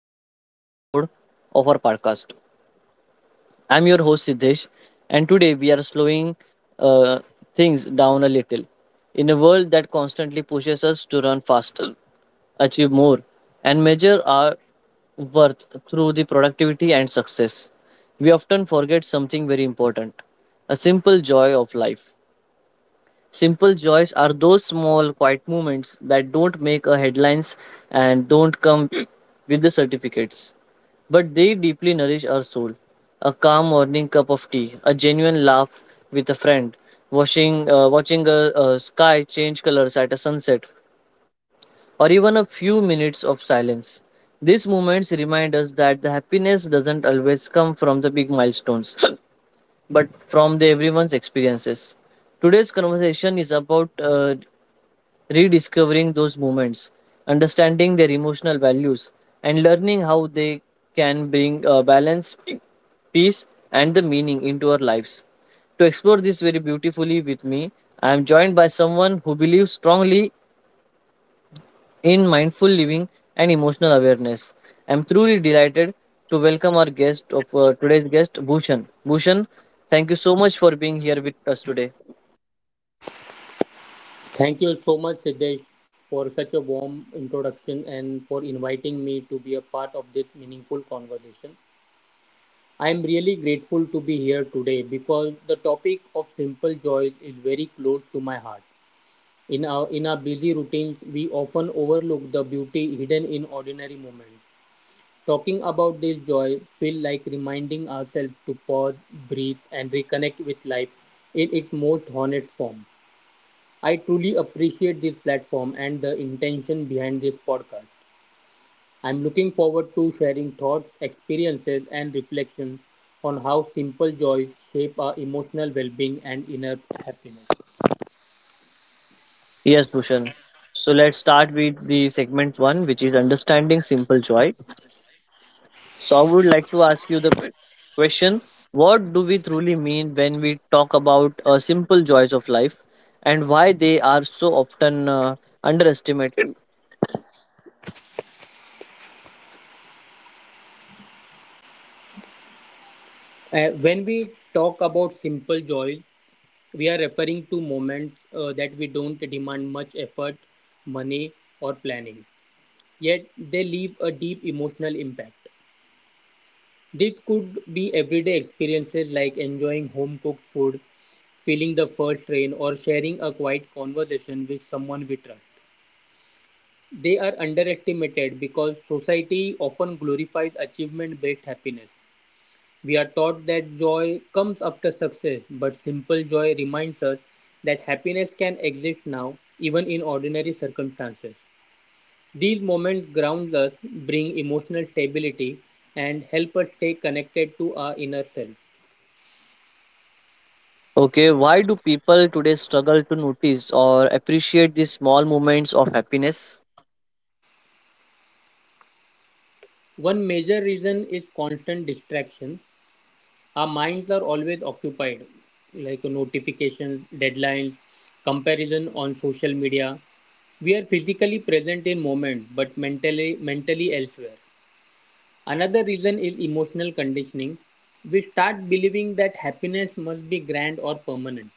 heartfelt episode of our podcast. I'm your host Siddesh, and today we are slowing uh, things down a little. In a world that constantly pushes us to run faster, achieve more, and measure our worth through the productivity and success, we often forget something very important a simple joy of life. Simple joys are those small, quiet moments that don't make a headlines and don't come with the certificates, but they deeply nourish our soul. A calm morning cup of tea, a genuine laugh with a friend, watching a sky change colors at a sunset, or even a few minutes of silence. These moments remind us that the happiness doesn't always come from the big milestones, but from the everyone's experiences. Today's conversation is about rediscovering those moments, understanding their emotional values, and learning how they can bring balance, peace, and the meaning into our lives. To explore this very beautifully with me, I am joined by someone who believes strongly in mindful living and emotional awareness. I am truly delighted to welcome our guest of today's guest, Bhushan. Bhushan, thank you so much for being here with us today. Thank you so much, Siddesh, for such a warm introduction and for inviting me to be a part of this meaningful conversation. I am really grateful to be here today because the topic of simple joys is very close to my heart. In our busy routines, we often overlook the beauty hidden in ordinary moments. Talking about this joy feels like reminding ourselves to pause, breathe, and reconnect with life in its most honest form. I truly appreciate this platform and the intention behind this podcast. I'm looking forward to sharing thoughts, experiences, and reflections on how simple joys shape our emotional well being and inner happiness. Yes, Bhushan. So let's start with the segment one, which is understanding simple joy. So I would like to ask you question. What do we truly mean when we talk about simple joys of life and why they are so often underestimated? When we talk about simple joys, we are referring to moments that we don't demand much effort, money, or planning, yet they leave a deep emotional impact. This could be everyday experiences like enjoying home cooked food, feeling the first rain, or sharing a quiet conversation with someone we trust. They are underestimated because society often glorifies achievement based happiness. We are taught that joy comes after success, but simple joy reminds us that happiness can exist now, even in ordinary circumstances. These moments ground us, bring emotional stability, and help us stay connected to our inner self. Okay, why do people today struggle to notice or appreciate these small moments of happiness? One major reason is constant distraction. Our minds are always occupied, like notifications, deadlines, comparison on social media. We are physically present in moment but mentally elsewhere. Another reason is emotional conditioning. We start believing that happiness must be grand or permanent.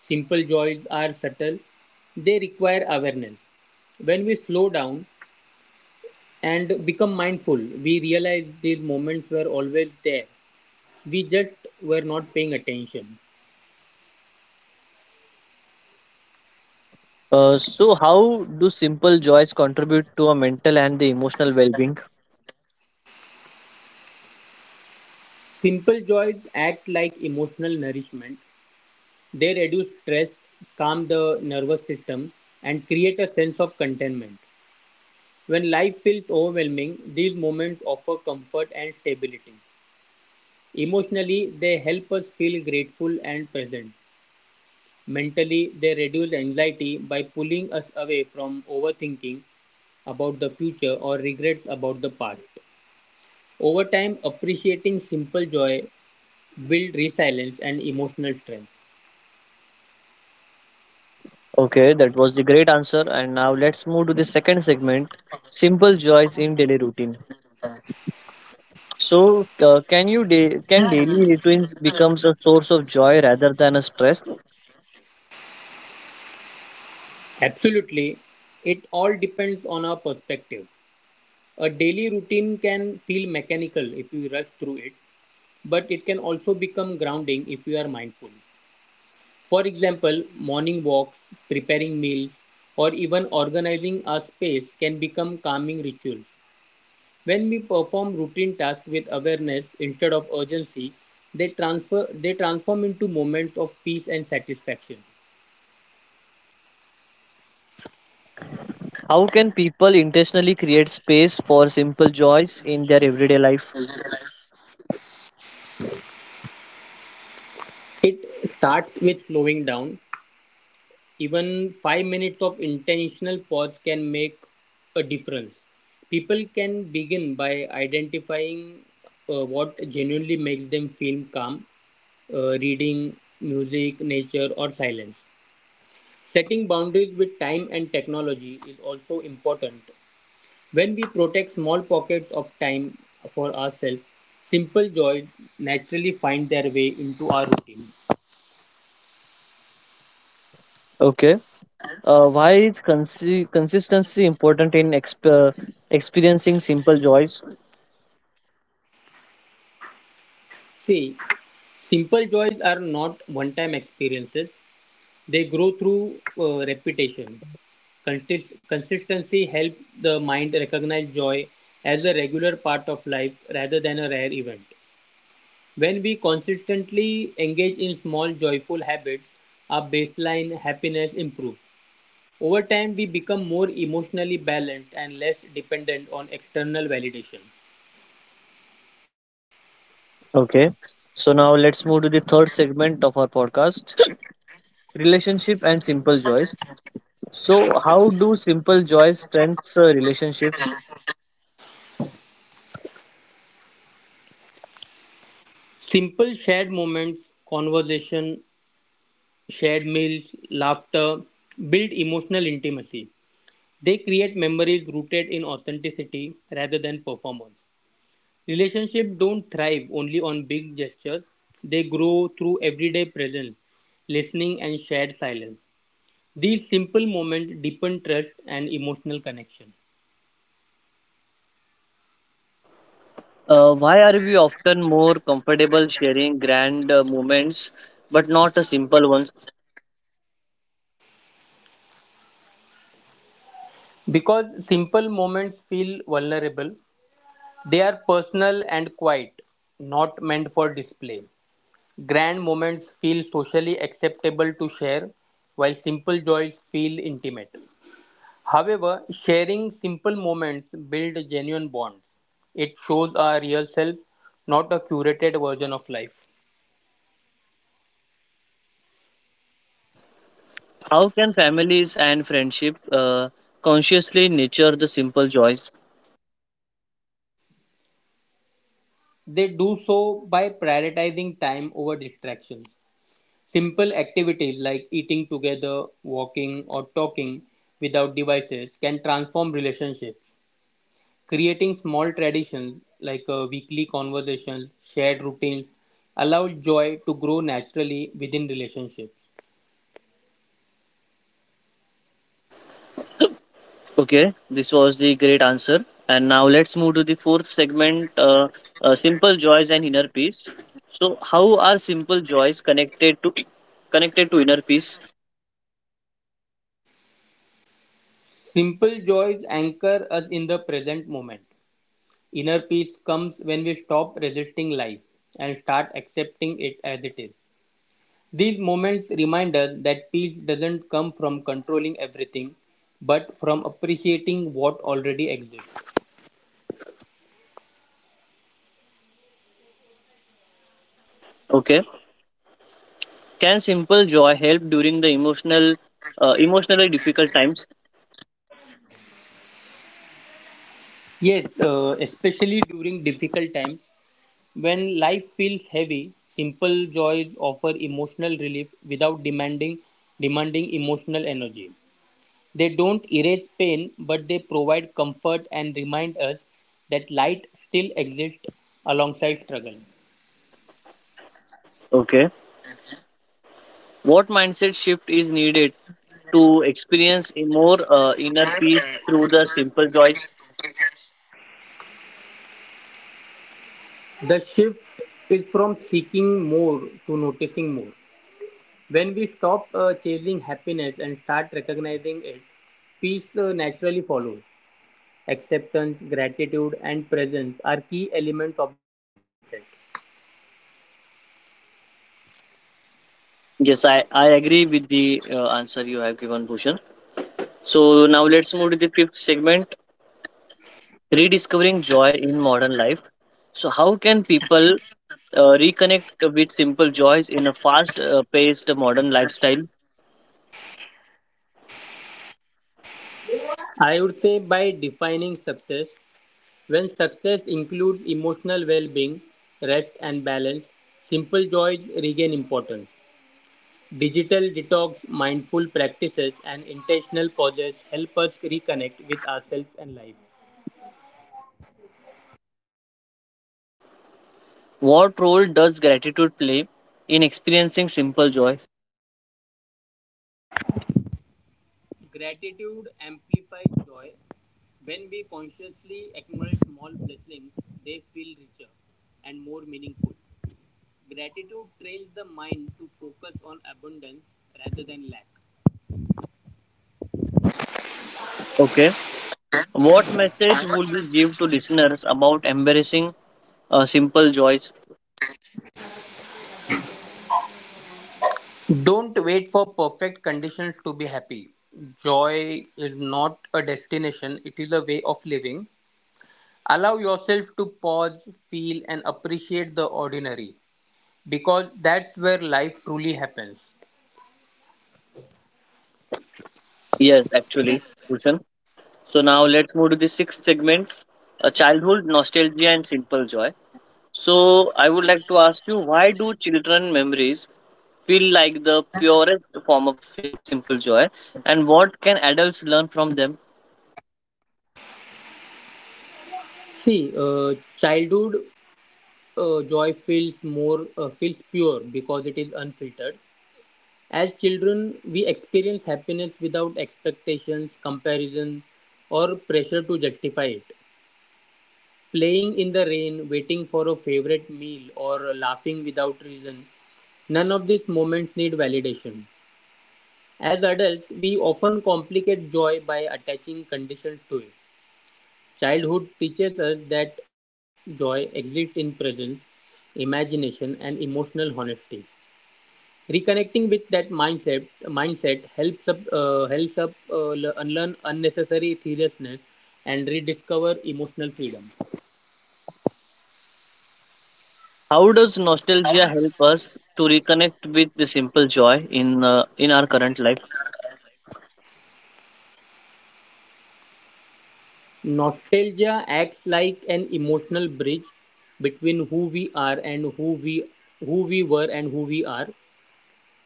Simple joys are subtle. They require awareness. When we slow down, and become mindful, we realize these moments were always there. We just were not paying attention. So, how do simple joys contribute to a mental and the emotional well being? Simple joys act like emotional nourishment. They reduce stress, calm the nervous system, and create a sense of contentment. When life feels overwhelming, these moments offer comfort and stability. Emotionally, they help us feel grateful and present. Mentally, they reduce anxiety by pulling us away from overthinking about the future or regrets about the past. Over time, appreciating simple joy builds resilience and emotional strength. Okay, that was the great answer. And now let's move to the second segment, simple joys in daily routine. So, can daily routines becomes a source of joy rather than a stress? Absolutely, it all depends on our perspective. A daily routine can feel mechanical if we rush through it, but it can also become grounding if we are mindful. For example, morning walks, preparing meals, or even organizing our space can become calming rituals. When we perform routine tasks with awareness instead of urgency, they transform into moments of peace and satisfaction. How can people intentionally create space for simple joys in their everyday life? It starts with slowing down. Even 5 minutes of intentional pause can make a difference. People can begin by identifying what genuinely makes them feel calm, reading, music, nature, or silence. Setting boundaries with time and technology is also important. When we protect small pockets of time for ourselves, simple joys naturally find their way into our routine. Okay, consistency important in experiencing simple joys? See, simple joys are not one time experiences, they grow through repetition. Consistency helps the mind recognize joy as a regular part of life rather than a rare event. When we consistently engage in small joyful habits, our baseline happiness improves. Over time, we become more emotionally balanced and less dependent on external validation. Okay, so now let's move to the third segment of our podcast, relationship and simple joys. So, how do simple joys strengthen relationships? Simple shared moments, conversation, shared meals, laughter build emotional intimacy. They create memories rooted in authenticity rather than performance. Relationships don't thrive only on big gestures, they grow through everyday presence, listening, and shared silence. These simple moments deepen trust and emotional connection. Why are we often more comfortable sharing grand moments but not the simple ones? Because simple moments feel vulnerable, they are personal and quiet, not meant for display. Grand moments feel socially acceptable to share, while simple joys feel intimate. However, sharing simple moments builds genuine bonds. It shows our real self, not a curated version of life. How can families and friendship consciously nurture the simple joys? They do so by prioritizing time over distractions. Simple activities like eating together, walking, or talking without devices can transform relationships. Creating small traditions like weekly conversations, shared routines, allows joy to grow naturally within relationships. Okay, this was the great answer. And now let's move to the fourth segment, simple joys and inner peace. So, how are simple joys connected to inner peace? Simple joys anchor us in the present moment. Inner peace comes when we stop resisting life and start accepting it as it is. These moments remind us that peace doesn't come from controlling everything, but from appreciating what already exists. Okay, can simple joy help during the emotionally difficult times? Yes, especially during difficult times, when life feels heavy, simple joys offer emotional relief without demanding emotional energy. They don't erase pain, but they provide comfort and remind us that light still exists alongside struggle. Okay. What mindset shift is needed to experience a more inner peace through the simple joys? The shift is from seeking more to noticing more. When we stop chasing happiness and start recognizing it, peace naturally follows. Acceptance, gratitude, and presence are key elements of this mindset. Yes, I agree with the answer you have given, Bhushan. So now let's move to the fifth segment, rediscovering joy in modern life. So how can people reconnect with simple joys in a fast-paced modern lifestyle? I would say by defining success, when success includes emotional well being, rest, and balance, simple joys regain importance. Digital detox, mindful practices, and intentional pauses help us reconnect with ourselves and life. What role does gratitude play in experiencing simple joy? Gratitude amplifies joy. When we consciously acknowledge small blessings, they feel richer and more meaningful. Gratitude trains the mind to focus on abundance rather than lack. Okay. What message would you give to listeners about embracing simple joys? Don't wait for perfect conditions to be happy. Joy is not a destination, it is a way of living. Allow yourself to pause, feel, and appreciate the ordinary because that's where life truly happens. Yes, actually, listen. So now let's move to the sixth segment, childhood nostalgia and simple joy. So I would like to ask you, why do children memories feel like the purest form of simple joy, and what can adults learn from them? See, childhood joy feels pure because it is unfiltered. As children, we experience happiness without expectations, comparison, or pressure to justify it. Playing in the rain, waiting for a favorite meal, or laughing without reason, none of these moments need validation. As adults, we often complicate joy by attaching conditions to it. Childhood teaches us that joy exists in presence, imagination, and emotional honesty. Reconnecting with that mindset helps up unlearn unnecessary seriousness and rediscover emotional freedom. How does nostalgia help us to reconnect with the simple joy in our current life? Nostalgia acts like an emotional bridge between who we were and who we are.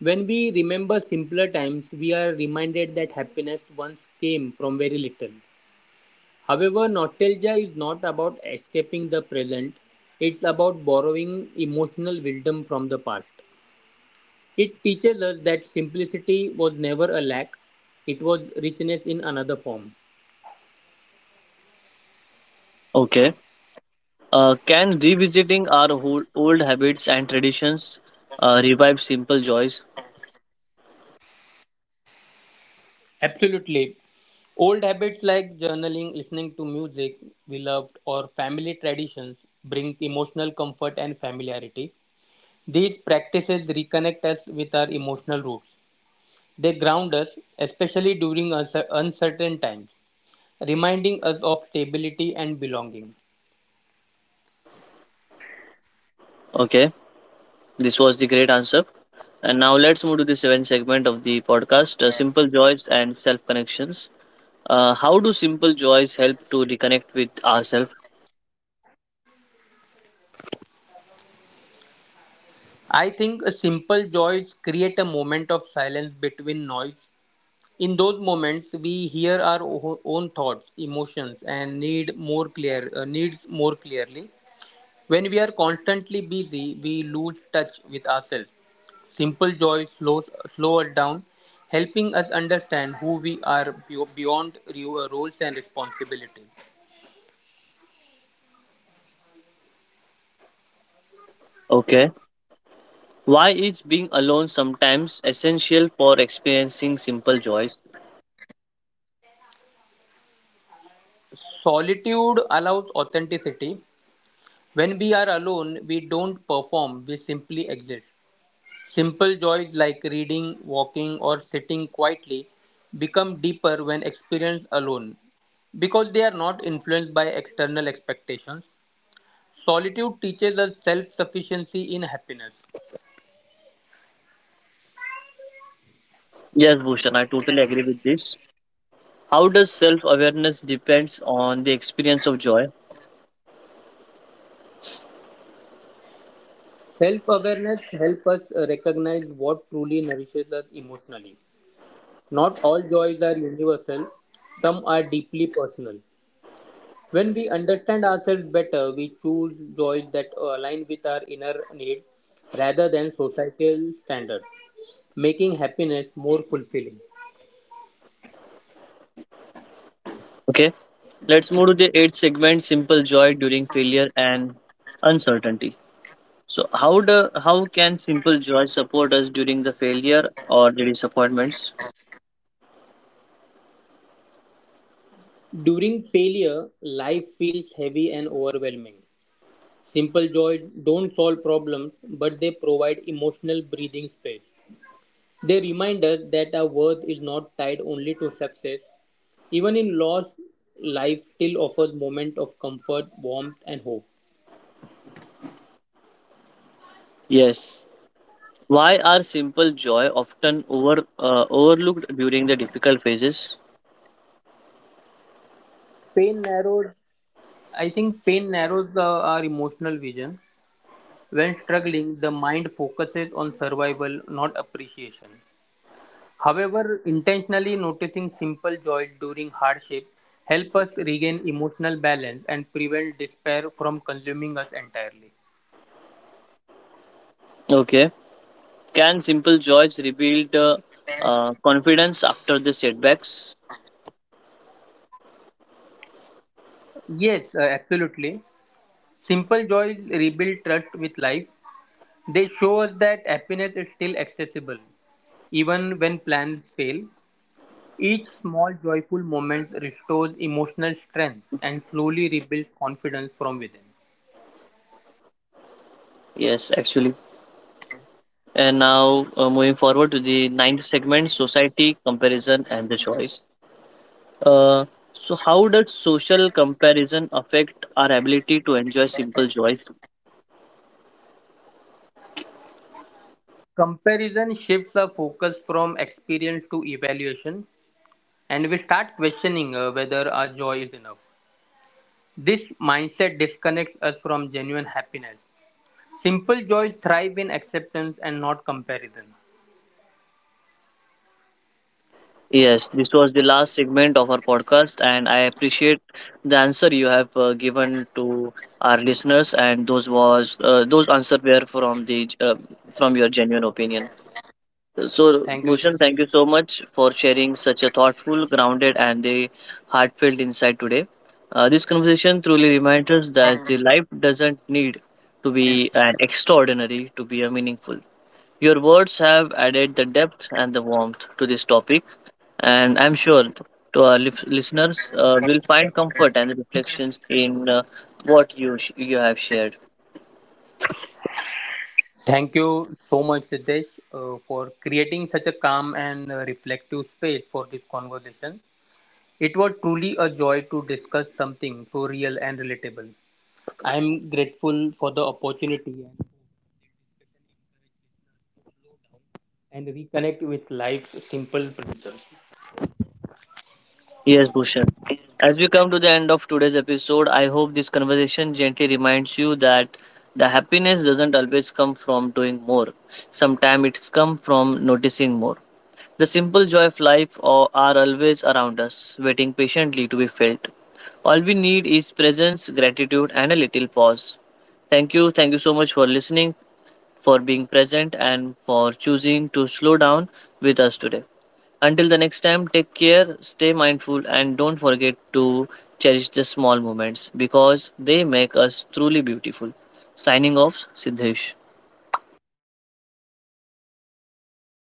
When we remember simpler times, we are reminded that happiness once came from very little. However, nostalgia is not about escaping the present, it's about borrowing emotional wisdom from the past. It teaches us that simplicity was never a lack, it was richness in another form. Okay. Can revisiting our old habits and traditions revive simple joys? Absolutely. Old habits like journaling, listening to music we loved, or family traditions bring emotional comfort and familiarity. These practices reconnect us with our emotional roots. They ground us, especially during uncertain times, reminding us of stability and belonging. Okay, this was the great answer. And now let's move to the seventh segment of the podcast, Simple Joys and Self Connections. How do simple joys help to reconnect with ourselves? I think simple joys create a moment of silence between noise. In those moments, we hear our own thoughts, emotions, and needs more clearly. When we are constantly busy, we lose touch with ourselves. Simple joys slow us down, helping us understand who we are beyond roles and responsibilities. Okay. Why is being alone sometimes essential for experiencing simple joys? Solitude allows authenticity. When we are alone, we don't perform, we simply exist. Simple joys like reading, walking, or sitting quietly become deeper when experienced alone because they are not influenced by external expectations. Solitude teaches us self sufficiency in happiness. Yes, Bhushan, I totally agree with this. How does self awareness depends on the experience of joy? Self awareness helps us recognize what truly nourishes us emotionally. Not all joys are universal, some are deeply personal. When we understand ourselves better, we choose joys that align with our inner need rather than societal standards, making happiness more fulfilling. Okay, let's move to the eighth segment: simple joy during failure and uncertainty. So, how can simple joy support us during the failure or the disappointments? During failure, life feels heavy and overwhelming. Simple joys don't solve problems, but they provide emotional breathing space. They remind us that our worth is not tied only to success. Even in loss, life still offers moments of comfort, warmth, and hope. Yes. Why are simple joy often overlooked during the difficult phases? Pain narrows I think pain narrows our emotional vision. When struggling, the mind focuses on survival, not appreciation. However, intentionally noticing simple joy during hardship help us regain emotional balance and prevent despair from consuming us entirely. Okay. Can simple joys rebuild confidence after the setbacks? Yes, absolutely. Simple joys rebuild trust with life. They show us that happiness is still accessible, even when plans fail. Each small joyful moment restores emotional strength and slowly rebuilds confidence from within. Yes, actually. And now moving forward to the ninth segment: society, comparison, and the choice. Uh, so how does social comparison affect our ability to enjoy simple joys? Comparison shifts our focus from experience to evaluation, and we start questioning whether our joy is enough. This mindset disconnects us from genuine happiness. Simple joys thrive in acceptance and not comparison. Yes, this was the last segment of our podcast, and I appreciate the answer you have given to our listeners. And those was those answers were from the from your genuine opinion. So, Thank you. Bhushan, thank you so much for sharing such a thoughtful, grounded, and a heartfelt insight today. This conversation truly reminds us that the life doesn't need to be an extraordinary to be a meaningful. Your words have added the depth and the warmth to this topic, and I'm sure to our listeners will find comfort and reflections in what you have shared. Thank you so much, Siddesh, for creating such a calm and reflective space for this conversation. It was truly a joy to discuss something so real and relatable. I am grateful for the opportunity and reconnect with life's simple principles. Yes, Bhushan. As we come to the end of today's episode, I hope this conversation gently reminds you that the happiness doesn't always come from doing more. Sometimes it's come from noticing more. The simple joy of life are always around us, waiting patiently to be felt. All we need is presence, gratitude, and a little pause. Thank you. Thank you so much for listening for being present, and for choosing to slow down with us today. Until the next time, take care, stay mindful, and don't forget to cherish the small moments because they make us truly beautiful. Signing off, Siddhesh.